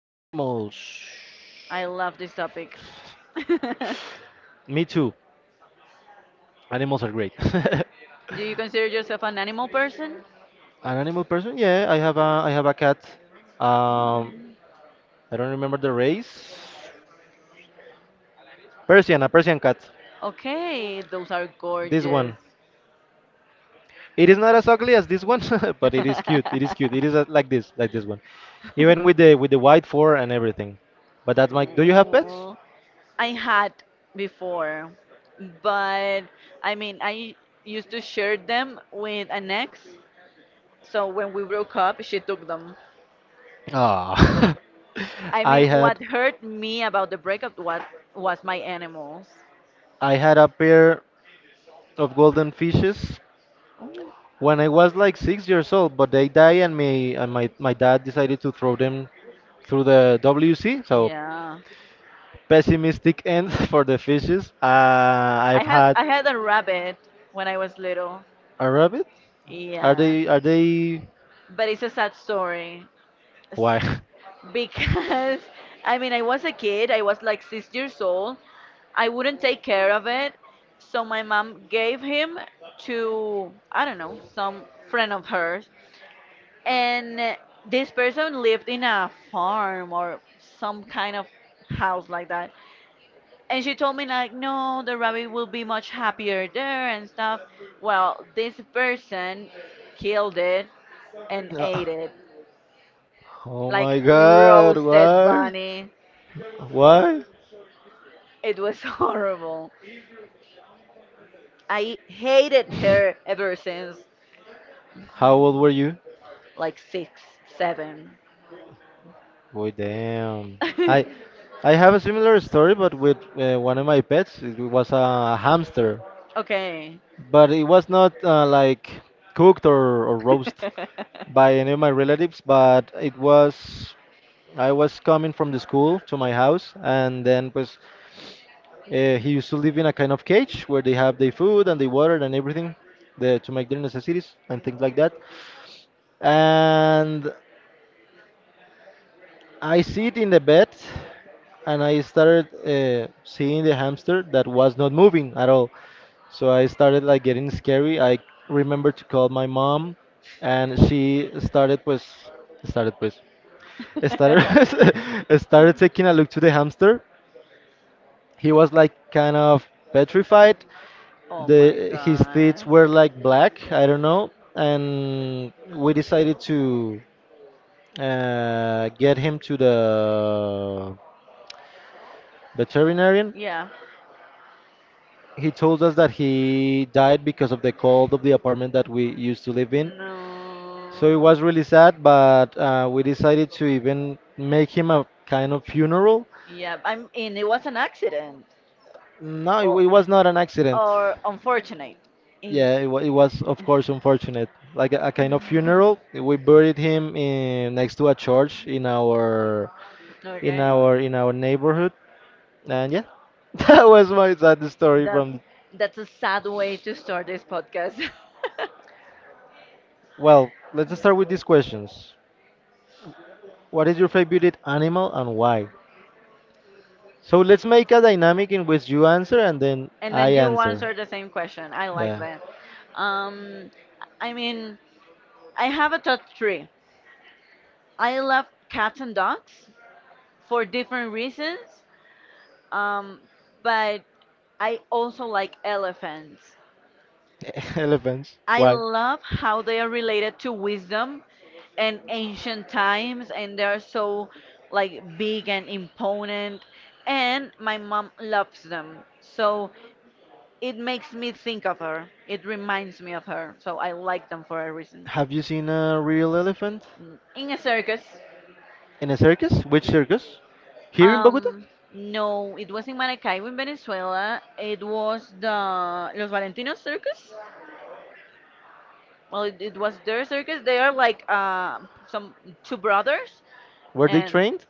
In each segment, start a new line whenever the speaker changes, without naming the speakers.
animals.
I love this topic. Do
Me too. Animals are great.
you consider yourself an animal person?
An animal person? Yeah, I have a cat. Um, I don't remember the race. Persian, a Persian cat.
Okay, those are
This
gorgeous.
one. It is not as ugly as this one, but it is cute. It is cute. It is like this one. Even with the white fur and everything. But that's my. Do you have pets?
Oh, I had before, but I used to share them with an ex. So when we broke up, she took them.
Ah.
I
I
mean,
had.
what hurt me about the breakup was my animals.
I had a pair of golden fishes when I was like 6 years old, but they died, and me and my dad decided to throw them through the WC. So
Yeah,
pessimistic end for the fishes. I've had
I had a rabbit when I was little.
a rabbit. Are
Yeah,
they? Are they?
but it's a sad story
Why?
S- because I was a kid, I was like 6 years old. I wouldn't take care of it, so my mom gave him to, I don't know, some friend of hers. And This person lived in a farm or some kind of house like that. And she told me like, no, the rabbit will be much happier there and stuff. Well, this person killed it and
No.
ate it,
Oh
like
my God!
roasted
Why?
bunny.
What?
It was horrible. I hated her ever since.
How old were you?
Like six, seven.
Boy, damn. I I have a similar story, but with one of my pets. It was a hamster,
okay.
but it was not like cooked or roast by any of my relatives. But it was I was coming from the school to my house, and then pues he used to live in a kind of cage where they have the food and the water and everything the, to make their necessities and things like that. And I sit in the bed and I started seeing the hamster that was not moving at all. So I started like getting scary. I remember to call my mom and she started pues started pues started started taking a look to the hamster. He was like kind of petrified.
oh my
The his teeth
god.
were like black, I don't know, and we decided to get him to the veterinarian.
Yeah.
He told us that he died because of the cold of the apartment that we used to live in. So it
No.
was really sad, but we decided to even make him a kind of funeral.
Yeah, I am mean, it was an accident
No,
or
it was not an accident.
or unfortunate. In,
Yeah, it was, of course, unfortunate. Like a kind of funeral. We buried him in next to a church in our
okay,
in our neighborhood. And yeah, that was my sad story
that
from.
that's a sad way to start this podcast.
Well, let's start with these questions. What is your favorite animal and why? So let's make a dynamic in which you answer and then
and
I
then you
answer.
answer the same question. I like
Yeah.
that. Um, I mean, I have a top three. I love cats and dogs for different reasons, um, but I also like elephants.
Elephants.
I
Why?
love how they are related to wisdom and ancient times, and they are so like big and imponent. And my mom loves them, so it makes me think of her. It reminds me of her, so I like them for a reason.
Have you seen a real elephant?
Mm. In a circus.
In a circus? Which circus? Here in Bogota?
um, no, it was in Maracaibo in Venezuela. It was the Los Valentinos Circus. Well, it was their circus. They are like some two brothers
Were they
and
trained?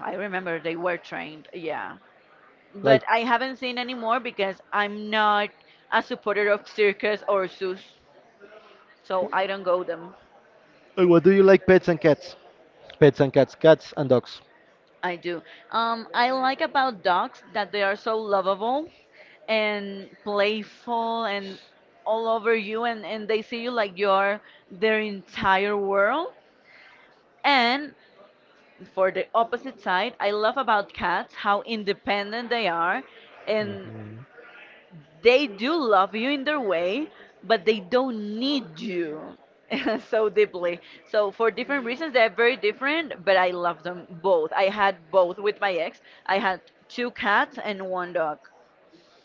I remember they were trained, yeah. But
Like,
I haven't seen anymore because I'm not a supporter of circus or zoos, so I don't go them.
What do you like? Pets and cats. Pets and cats. Cats and dogs.
I do. I like about dogs that they are so lovable and playful and all over you, and they see you like you're their entire world. And for the opposite side, I love about cats how independent they are and they do love you in their way, but they don't need you so deeply. So for different reasons, they're very different, but I love them both. I had both with my ex. I had two cats and one dog.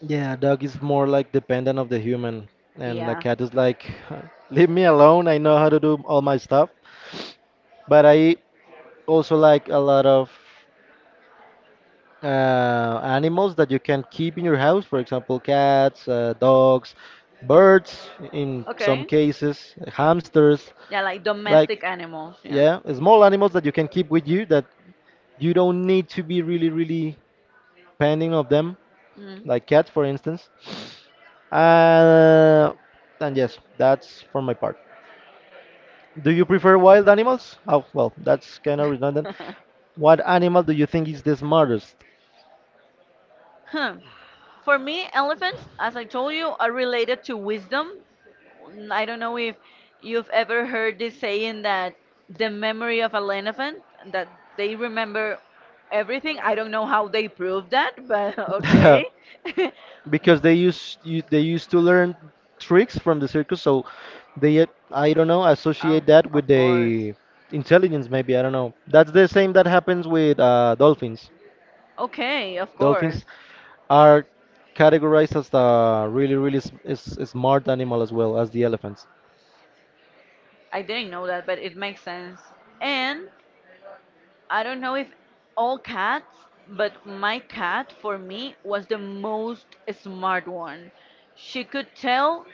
Yeah, a dog is more like dependent of the human, and a
Yeah.
cat is like, leave me alone. I know how to do all my stuff. But I also like a lot of animals that you can keep in your house, for example, cats, dogs, birds, in some
Okay.
cases, hamsters,
Yeah, like
like,
domestic animals. Yeah.
yeah, small animals that you can keep with you that you don't need to be really, really pending of them,
Mm.
like cats, for instance. Uh, and yes, that's for my part. Do you prefer wild animals? Oh, well, that's kind of redundant. What animal do you think is the smartest?
Huh. For me, elephants, as I told you, are related to wisdom. Mm, I don't know if you've ever heard this saying that the memory of an elephant, that they remember everything. I don't know how they prove that, but okay.
because they used to learn tricks from the circus, so they I don't know
Oh,
associate that with
of course.
the intelligence. Maybe I don't know. That's the same that happens with dolphins.
Okay, of course.
Dolphins are categorized as the really really smart animal as well as the elephants.
I didn't know that, but it makes sense. And I don't know if all cats, but my cat for me was the most smart one. She could tell.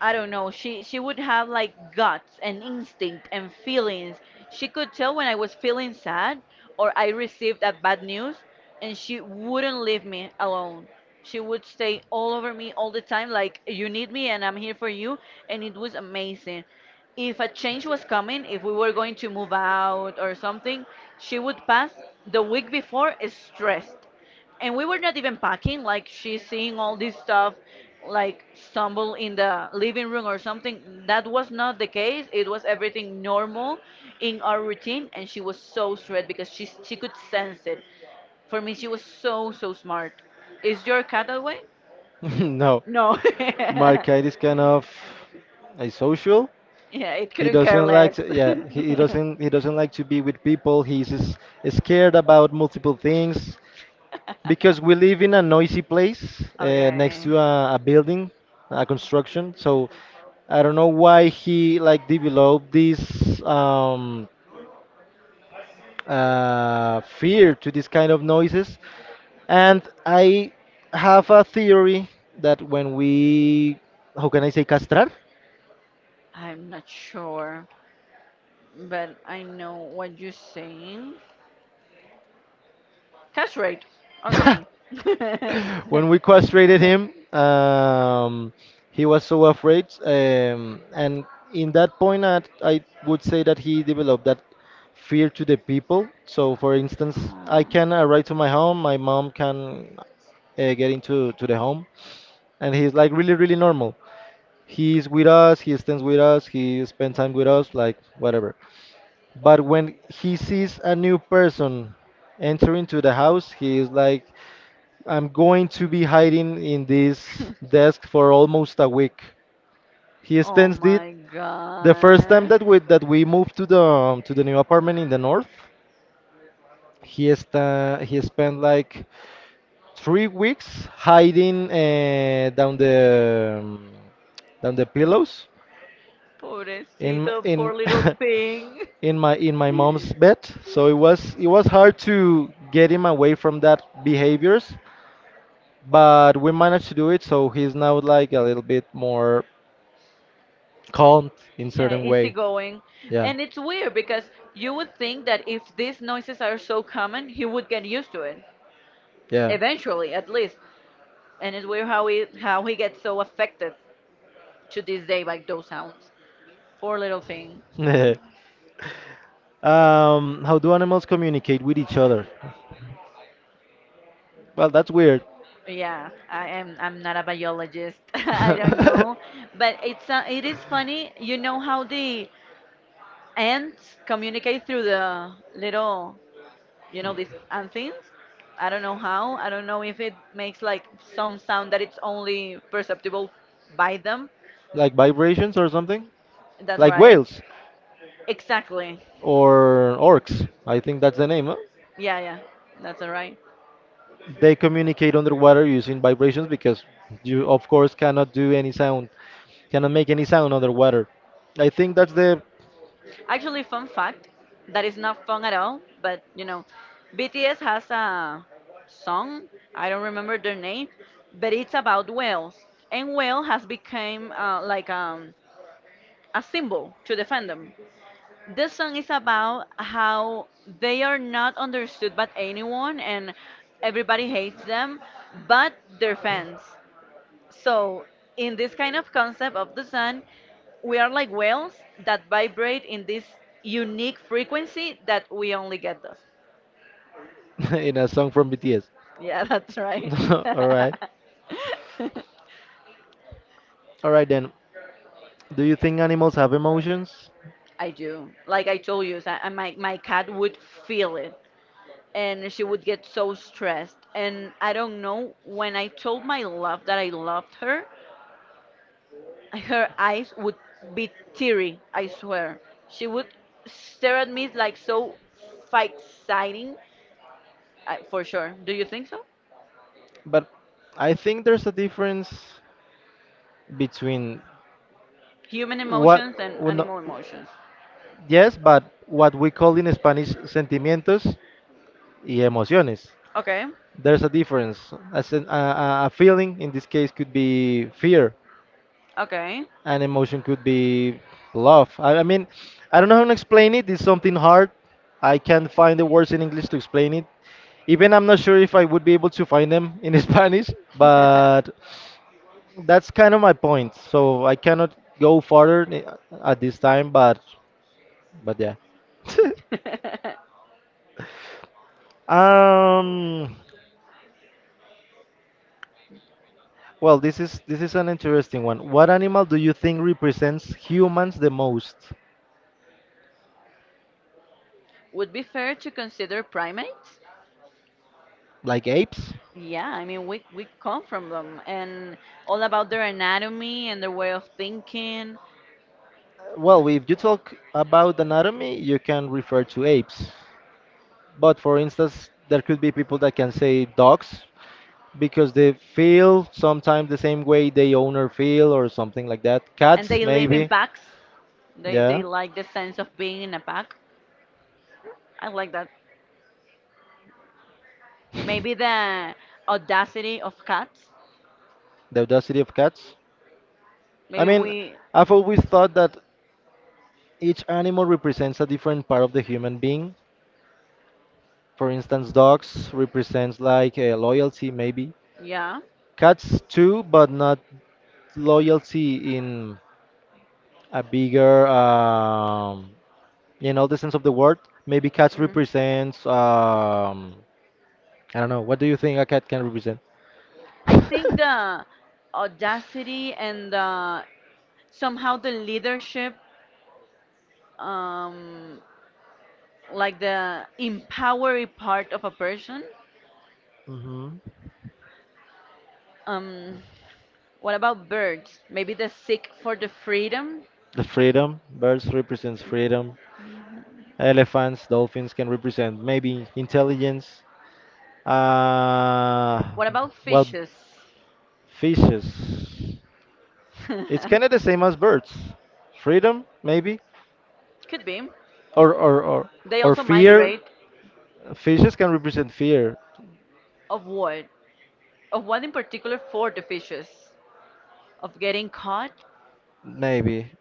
I don't know. She would have like guts and instinct and feelings. She could tell when I was feeling sad or I received a bad news, and she wouldn't leave me alone. She would stay all over me all the time, like you need me and I'm here for you, and it was amazing. If a change was coming, if we were going to move out or something, she would pass the week before stressed and we were not even packing, like she's seeing all this stuff like stumble in the living room or something that was not the case. It was everything normal in our routine and she was so straight because she could sense it. For me she was so so smart. Is your cat that way?
No.
No. yeah,
Market is kind of asocial.
it
He
couldn't care
doesn't like
less.
to, yeah, he, he doesn't he doesn't like to be with people. He's scared about multiple things because we live in a noisy place next
okay,
to a building, a construction. So I don't know why he like developed this fear to this kind of noises. And I have a theory that when we, how can I say, castrar?
I'm not sure but I know what you're saying. Cash rate. Okay.
when we castrated him, he was so afraid. And in that point, I would say that he developed that fear to the people. So, for instance, I
oh.
can arrive to my home, my mom can get into to the home, and he's like really, really normal. He's with us, he stands with us, he spends time with us, like whatever. But when he sees a new person enter into the house, he is like, I'm going to be hiding in this desk for almost a week. He
Oh
stands it.
my
The first time
god.
that we moved to the new apartment in the north, he spent like 3 weeks hiding down the pillows
Pobrecito,
in
poor little thing.
in my mom's bed. So it was hard to get him away from that behaviors, but we managed to do it. So he's now like a little bit more calm in
Yeah,
certain way.
easygoing.
Yeah.
And it's weird because you would think that if these noises are so common, he would get used to it.
Yeah.
Eventually, at least. And it's weird how he gets so affected to this day by those sounds. Poor little thing.
How do animals communicate with each other? Well, that's weird.
Yeah, I am. I'm not a biologist. I don't know, but it is funny. You know how the ants communicate through the little, you know, these anthins. I don't know how. I don't know if it makes like some sound that it's only perceptible by them.
like vibrations or something,
That's
like
right.
whales
Exactly.
or orcs. I think that's the name. No?
Yeah, yeah. That's all right.
They communicate underwater using vibrations because you, of course, cannot do any sound, cannot make any sound underwater. I think that's the
Actually, fun fact that is not fun at all, but you know, BTS has a song. I don't remember their name, but it's about whales, and whale has become like a symbol to the fandom. This song is about how they are not understood by anyone, and everybody hates them, but their fans. So, in this kind of concept of the sun, we are like whales that vibrate in this unique frequency that we only get those.
in a song from BTS.
Yeah, that's right.
All right. All right then. Do you think animals have emotions?
I do. Like I told you, so my cat would feel it and she would get so stressed. And I don't know, when I told my love that I loved her, her eyes would be teary, I swear. She would stare at me like so exciting. I, for sure. Do you think so?
But I think there's a difference between
Human
what
emotions and
well, no,
animal emotions.
yes, but what we call in Spanish sentimientos y emociones.
Okay,
There's a difference. A a feeling in this case could be fear,
okay.
and emotion could be love. I mean, I don't know how to explain it. It's something hard. I can't find the words in English to explain it. Even I'm not sure if I would be able to find them in Spanish, but that's kind of my point. So I cannot go further at this time, but yeah. Um, well, this is an interesting one. What animal do you think represents humans the most?
Would be fair to consider primates?
Like apes?
Yeah, I mean we come from them and all about their anatomy and their way of thinking
Well, if you talk about anatomy, you can refer to apes. But for instance, there could be people that can say dogs because they feel sometimes the same way they owner feel or something like that.
and
Cats,
they live in
maybe.
packs. They
Yeah.
they like the sense of being in a pack. I like that. Maybe the audacity of cats.
The audacity of cats. I
Maybe
mean,
we
I've always thought that each animal represents a different part of the human being. For instance, dogs represents like loyalty, maybe
yeah.
cats too, but not loyalty in a bigger, in all the sense of the word. Maybe cats
Mm.
represents, I don't know. What do you think a cat can represent?
I think the audacity and the, somehow the leadership, um, like the empowering part of a person.
Hmm.
Um, what about birds? Maybe the seek for the freedom.
The freedom. Birds represents freedom. Elephants, dolphins can represent maybe intelligence. Uh,
What about
well,
fishes?
fishes. It's kind of the same as birds. Freedom, maybe,
Could be.
or or or
They
or
also
fear.
migrate.
Fishes can represent fear,
Of what? Of what in particular for the fishes? Of getting caught?
maybe,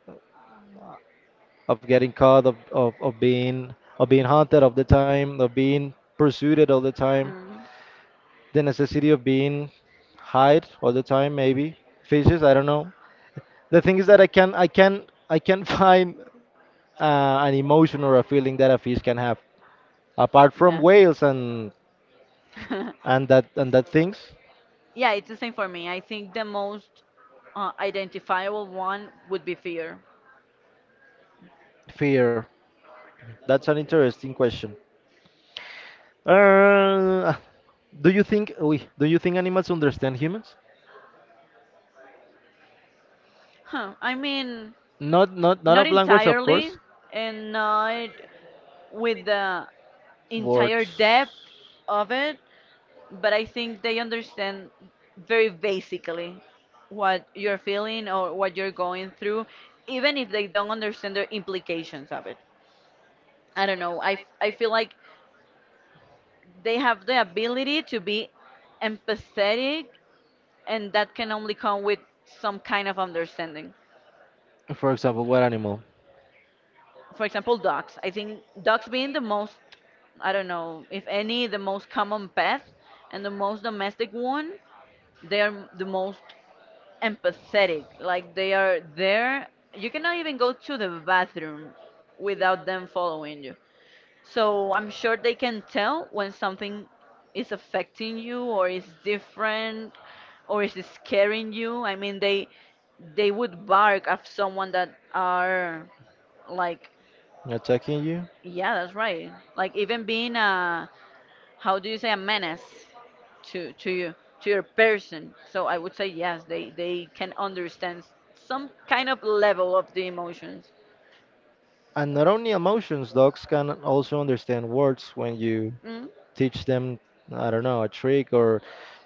of getting caught, of being haunted all the time, of being pursued all the time.
Mhm.
The necessity of being hide all the time, maybe. Fishes, I don't know. The thing is that I can find an emotion or a feeling that a fish can have. Apart from whales
Yeah.
and that things,
Yeah, it's the same for me. I think the most identifiable one would be fear.
fear. That's an interesting question. Uh, do you think animals understand humans?
Huh. I mean,
Not
not
of language, of
entirely,
course.
and not with the entire
Words.
depth of it, but I think they understand very basically what you're feeling or what you're going through, even if they don't understand the implications of it. I don't know. I feel like they have the ability to be empathetic and that can only come with some kind of understanding.
For example, what animal
For example, dogs. I think dogs being the most, I don't know, if any, the most common pet and the most domestic one, they are the most empathetic. Like they are there. You cannot even go to the bathroom without them following you. So I'm sure they can tell when something is affecting you or is different or is scaring you. I mean, they would bark at someone that are like,
attacking you?
yeah, that's right. Like even being a how do you say a menace to you to your person. So I would say yes, they can understand some kind of level of the emotions.
And not only emotions, dogs can also understand words when you
Mm,
teach them, I don't know, a trick or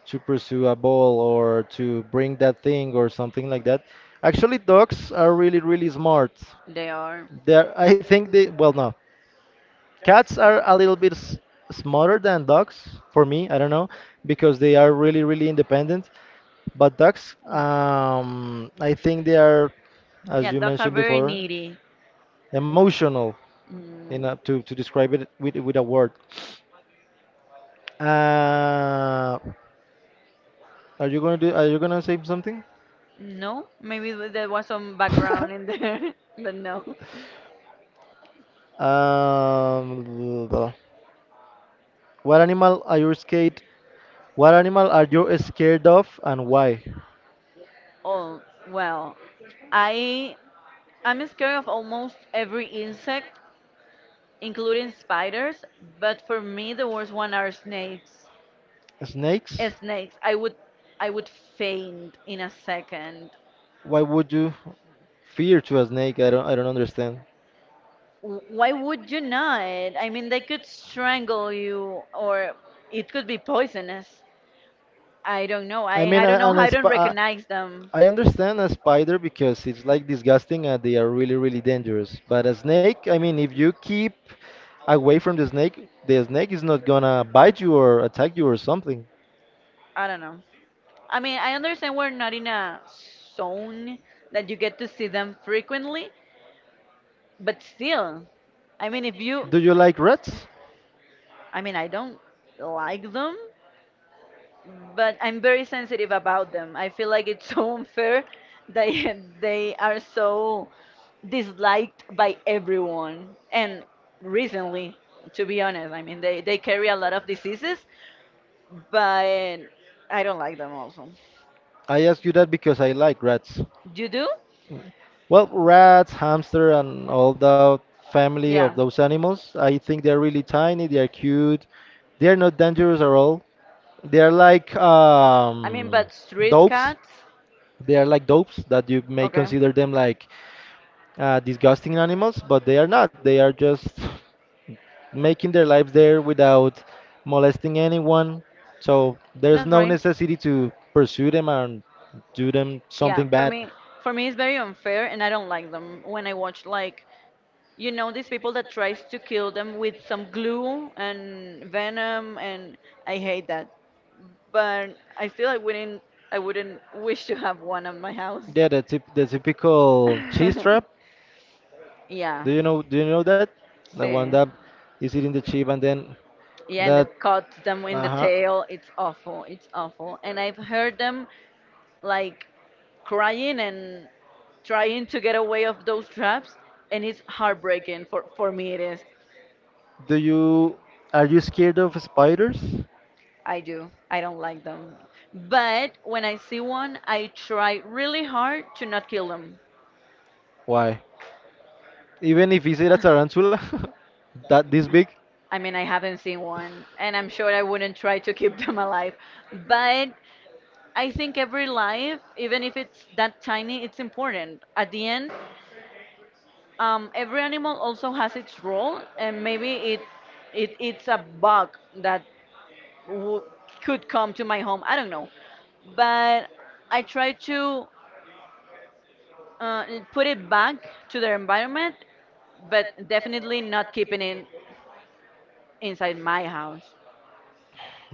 to pursue a ball or to bring that thing or something like that. Actually, dogs are really, really smart.
they are.
I think they, well, no, cats are a little bit s smarter than dogs for me. I don't know because they are really, really independent. But dogs,
Mm.
I think they are,
Yeah,
as you
dogs are
mentioned
very
before,
needy.
emotional
Mm.
enough to describe it with a word. Uh, Are you gonna save something?
No, maybe there was some background in there, but no.
Blah. Blah. What animal are you scared? What animal are you scared of, and why?
Oh, well, I I'm scared of almost every insect, including spiders, but for me the worst one are snakes. Eh,
Snakes?
snakes. I would faint in a second.
Why would you fear to a snake? I don't. I don't understand.
W- Why would you not? I mean, they could strangle you or it could be poisonous. I don't know.
I mean,
I don't
a-
know
an
how
a
I don't
sp- a,
recognize them.
I understand a spider because it's like disgusting and they are really, really dangerous. But a snake, I mean, if you keep away from the snake is not gonna bite you or attack you or something.
I don't know. I mean, I understand we're not in a zone that you get to see them frequently, but still, I mean, if you,
Do you like rats?
I mean, I don't like them, but I'm very sensitive about them. I feel like it's so unfair that they are so disliked by everyone, and recently, to be honest, I mean, they carry a lot of diseases, but I don't like them also.
I ask you that because I like rats.
You do?
Well, rats, hamster, and all that family of
Yeah.
those animals, I think they're really tiny, they are cute, they are not dangerous at all. They are like
I mean, but street
dopes.
cats.
They are like dopes that you may
Okay,
consider them like disgusting animals, but they are not. They are just making their lives there without molesting anyone. So there's
that's
no
right.
necessity to pursue them and do them
Yeah,
something bad.
for me, it's very unfair, and I don't like them when I watch like you know these people that tries to kill them with some glue and venom, and I hate that. But I still I wouldn't wish to have one at my house.
Yeah, the typical cheese trap.
Yeah,
Do you know? Do you know that? The one
see.
that is eating the chip and then
Yeah, and
that.
that cuts them in the
Uh-huh.
tail. It's awful. It's awful. And I've heard them like crying and trying to get away of those traps and it's heartbreaking for me it is.
Do you? Are you scared of spiders?
I do, I don't like them, but when I see one I try really hard to not kill them.
Why? Even if it's a tarantula, that this big,
I mean I haven't seen one and I'm sure I wouldn't try to keep them alive, but I think every life, even if it's that tiny, it's important at the end. Every animal also has its role, and maybe it it's a bug that w- could come to my home. I don't know, but I try to uh, put it back to their environment, but definitely not keeping it inside my house.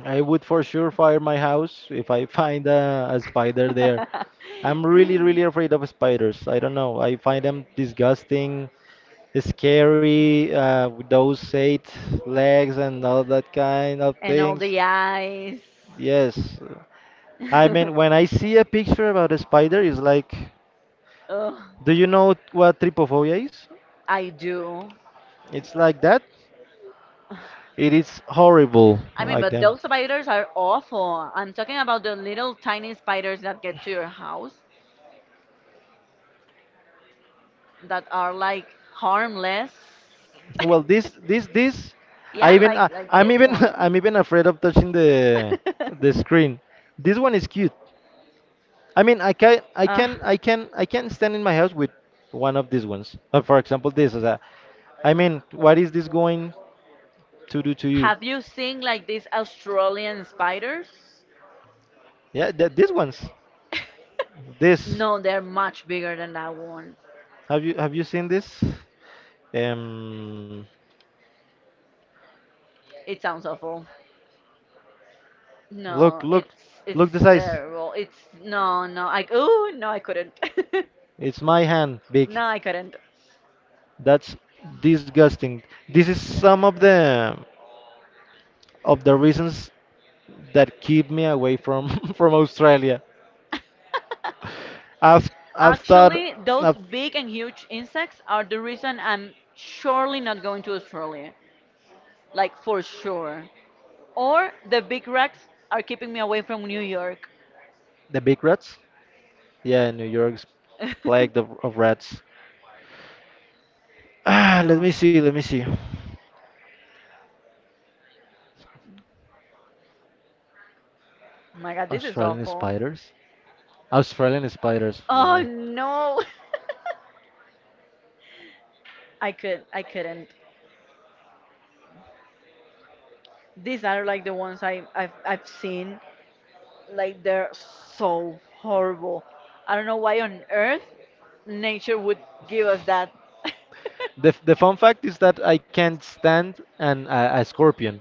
I would for sure fire my house if I find a spider there. I'm really, really afraid of spiders. I don't know. I find them disgusting. Scary with those eight legs and all that kind of
And all
things.
the eyes.
Yes. I mean, when I see a picture about a spider, it's like,
Ugh,
do you know what trypophobia is?
I do.
It's like that. It is horrible,
I mean,
like
but
them.
those spiders are awful. I'm talking about the little tiny spiders that get to your house that are like harmless.
Well, I
Yeah, I'm
even,
like even like I'm
I'm
this even
even,
one. I'm
I'm even afraid of touching
even afraid of.
the screen. This one is cute. I mean, I can, I
uh,
can, I can, I can stand in my house with one of these ones. Like for example, this is a. I mean, what is this going to do to you?
have you seen like these Australian spiders?
Yeah, these ones. This.
No, they're much bigger than that one.
Have you seen this? Um,
It sounds awful.
Look,
No,
look,
it's
look the size.
terrible. It's no, no. I, oh no, I couldn't.
It's my hand, big.
No, I couldn't.
That's disgusting. This is some of the reasons that keep me away from from Australia. I've thought
Actually, those
of
big and huge insects are the reason I'm surely not going to Australia, like for sure. Or the big racks are keeping me away from New York.
the big rats. Yeah, New York's
Oh,
plagued of rats. Ah, let
no.
me see, let me see.
Oh my god, this is
Australian
awful.
spiders. Australian spiders.
Oh
Yeah.
no. I could, I couldn't. These are like the ones I've seen. Like they're so horrible. I don't know why on earth nature would give us that.
The fun fact is that I can't stand an a scorpion,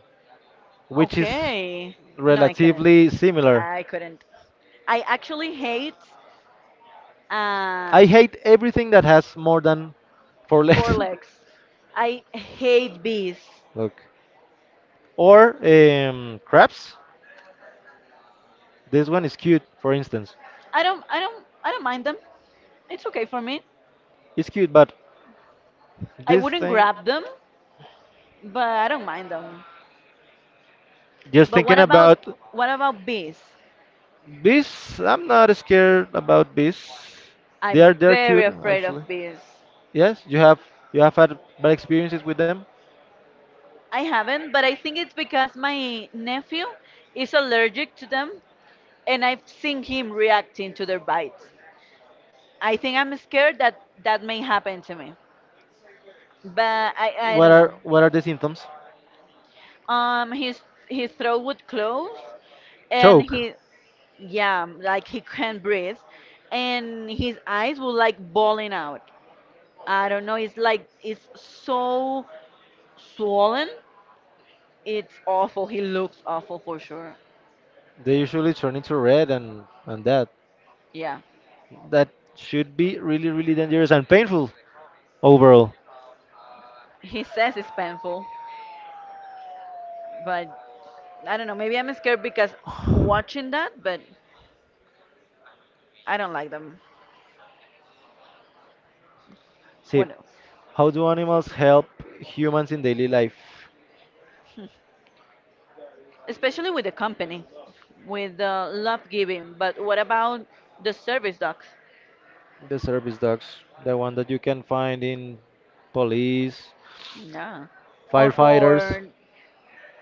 which is
Okay. No, I couldn't.
relatively similar.
I couldn't. I actually hate. Uh,
I hate everything that has more than four
Four
legs.
legs. I hate bees.
Look, or crabs. This one is cute, for instance.
I don't mind them. It's okay for me.
It's cute, but
I
this
wouldn't
thing,
grab them, but I don't mind them.
just
But what
thinking
about
about
what about bees?
bees, I'm not scared about bees. They are
I'm
they're
very
cute
afraid of
actually.
bees.
Yes, you have had bad experiences with them.
I haven't, but I think it's because my nephew is allergic to them and I've seen him reacting to their bites. I think I'm scared that that may happen to me. But I don't know.
What are the symptoms?
Um, his his throat would close, and
Choke.
he, yeah, like he can't breathe, and his eyes were like balling out. I don't know. It's like it's so swollen. It's awful. He looks awful for sure.
They usually turn into red and that
Yeah,
that should be really really dangerous and painful. Overall,
he says it's painful, but I don't know. Maybe I'm scared because watching that, but I don't like them.
see,
What else?
how do animals help humans in daily life?
Especially with the company, with the love giving. But what about the service dog?
The service dogs, the one that you can find in police,
No, or
firefighters,
for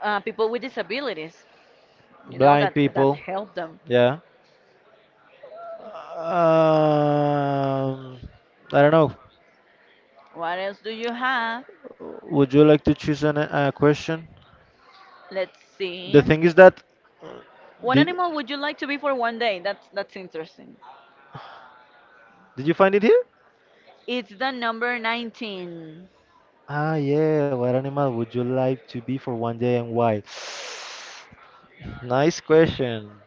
people with disabilities, you know,
blind
that, that
people.
help them.
Yeah. Um, I don't know.
What else do you have?
Would you like to choose an, a question?
Let's see.
The thing is that uh,
What
did
animal would you like to be for one day? That's interesting.
did you find it here?
It's the number 19.
Ah, yeah. What animal would you like to be for 1 day and why? Nice question.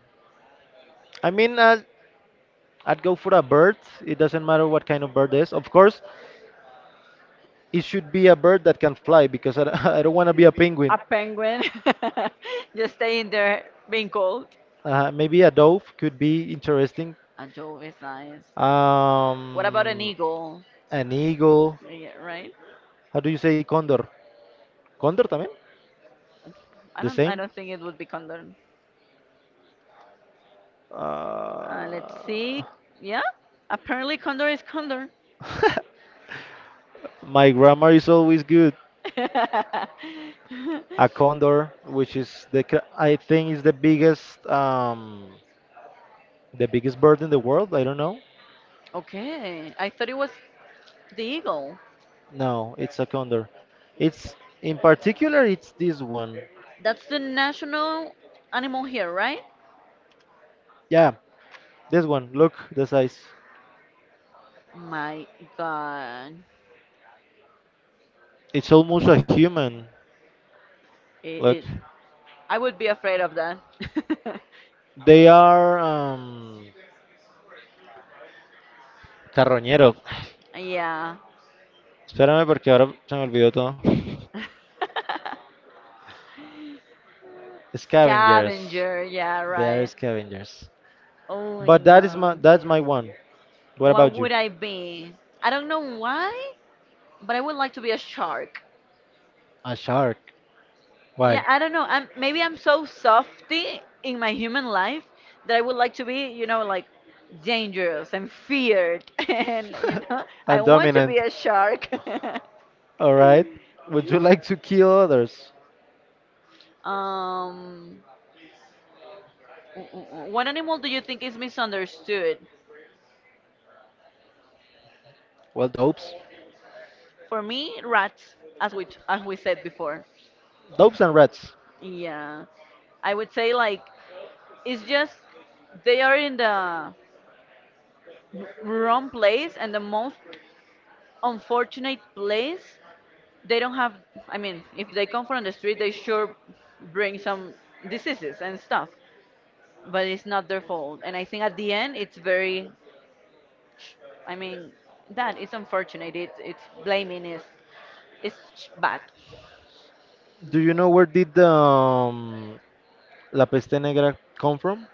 I mean, I'd go for a bird. It doesn't matter what kind of bird it is. Of course, it should be a bird that can fly because I, I don't want to be a penguin.
A penguin. Just stay in there being cold.
Maybe a dove could be interesting.
A dove is nice. What about an
Um,
eagle?
an eagle.
Yeah, right?
How do you say condor? Condor también?
I
The
don't I
same?
don't think it would be condor. Let's
Uh,
see. Yeah. Apparently condor is condor.
my grammar is always good. A condor, which is the I think is the biggest bird in the world. I don't know.
Okay, I thought it was the eagle.
No, it's a condor. It's in particular it's this one.
That's the national animal here, right?
Yeah, this one. Look the size.
My God,
It's almost a human.
it,
Look.
it I would be afraid of that.
They are carroñero.
Yeah.
Espérame porque ahora se me olvidó todo. Scavengers.
Scavenger, yeah,
They are
right.
scavengers.
Oh
But that is my
no.
that's my one. What
What
about you?
would I be? I don't know why, but I would like to be a shark.
A shark. Why?
Yeah, I don't know. I'm maybe I'm so softy in my human life that I would like to be, you know, like dangerous and feared, and you know, I
And
want to
dominant.
be a shark.
All right. Would you like to kill others?
um, what animal do you think is misunderstood?
Well, dopes.
For me, rats, as as we said before.
Dopes and rats.
Yeah, I would say like it's just they are in the wrong place and the most unfortunate place they don't have. I mean, if they come from the street they sure bring some diseases and stuff, but it's not their fault, and I think at the end it's very sh- I mean, that it's unfortunate. It's blaming is bad.
Do you know where did the La Peste Negra come from?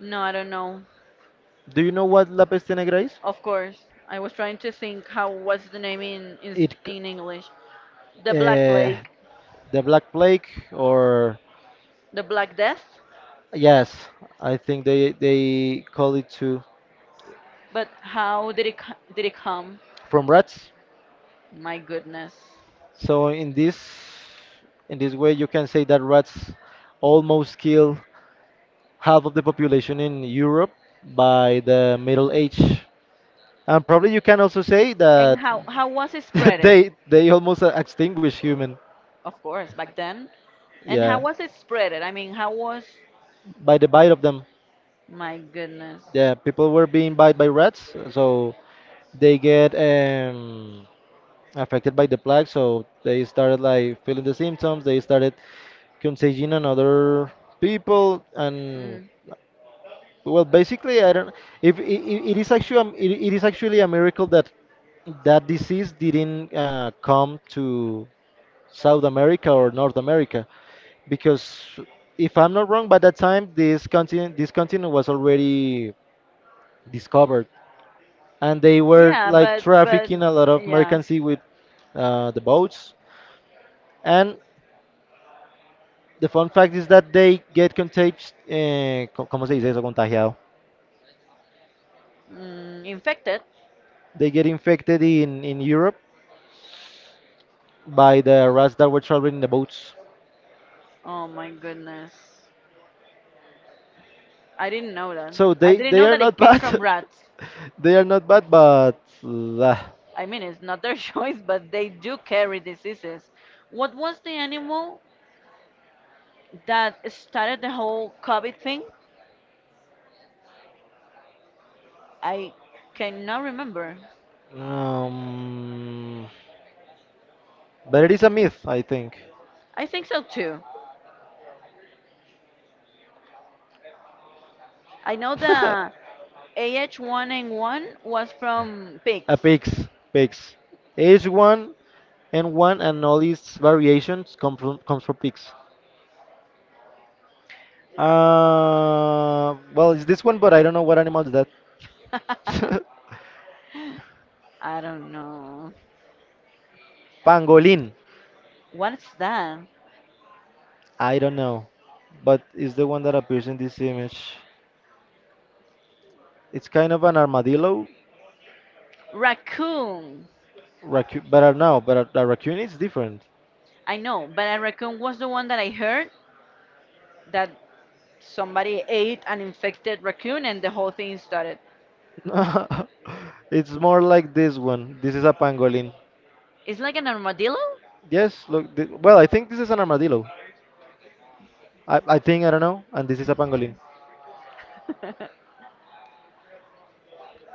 No, I don't know.
Do you know what La Peste Negra is?
Of course, I was trying to think how, what's the name in
It, c-
in English. The black
uh,
plague.
the Black Plague or
The black death.
yes, I think they call it too
But how did did it come?
from rats.
My goodness.
So in this way, you can say that rats almost kill half of the population in Europe by the Middle Age, and probably you can also say
And
that
how was it spread?
they almost extinguish human.
Of course, back then. And how
Yeah,
was it spreaded? I mean, how was?
by the bite of them.
My goodness.
Yeah, people were being bite by rats, so they get affected by the plague. So they started like feeling the symptoms. They started contagion on other people, and
Mm.
well, basically, I don't. If it, it is actually it is actually a miracle that that disease didn't come to South America or North America, because if I'm not wrong, by that time this continent was already discovered, and they were
Yeah,
like
but
trafficking a lot of
yeah,
mercancy with the boats, and the fun fact is that they get contagious, eh, co- ¿cómo se dice eso? Contagiado.
mm, infected.
They get infected in Europe by the rats that were traveling in the boats.
Oh my goodness. I didn't know that.
So
I didn't
they
know
are
that it
not
came
bad.
from rats.
they are not bad,
I mean, it's not their choice, but they do carry diseases. What was the animal that started the whole COVID thing? I cannot remember.
um, but it is a myth, I think.
I think so too. I know the AH1N1 was from
a
pigs.
pigs, pigs. H1N1 and all its variations come from comes from pigs. Well, it's this one, but I don't know what animal is that.
I don't know.
Pangolin.
What's that?
I don't know, but it's the one that appears in this image. It's kind of an armadillo,
Raccoon.
raccoon, but I know, but a raccoon is different.
I know, but a raccoon was the one that I heard that somebody ate an infected raccoon and the whole thing started.
It's more like this one. This is a pangolin.
It's like an armadillo?
Yes, look. Th well, I think this is an armadillo. I think I don't know, and this is a pangolin.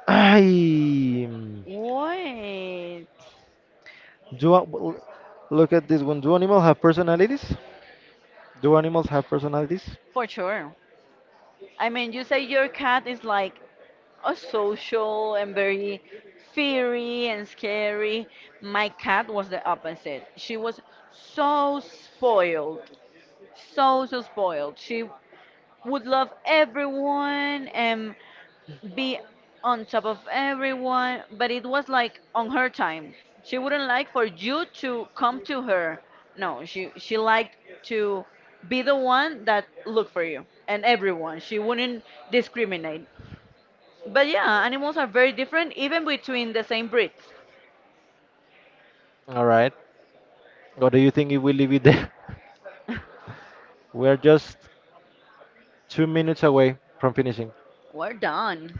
I
Wait.
do. Well, look at this one. Do animals have personalities? Do animals have personalities?
For sure. I mean, you say your cat is like a social and very fiery and scary. My cat was the opposite. She was so spoiled, so, so spoiled. She would love everyone and be on top of everyone, but it was like on her time. She wouldn't like for you to come to her. No, she liked to be the one that looked for you and everyone. She wouldn't discriminate. But yeah, animals are very different even between the same breeds.
All right. What do you think if we leave it there? We're just 2 minutes away from finishing.
We're done.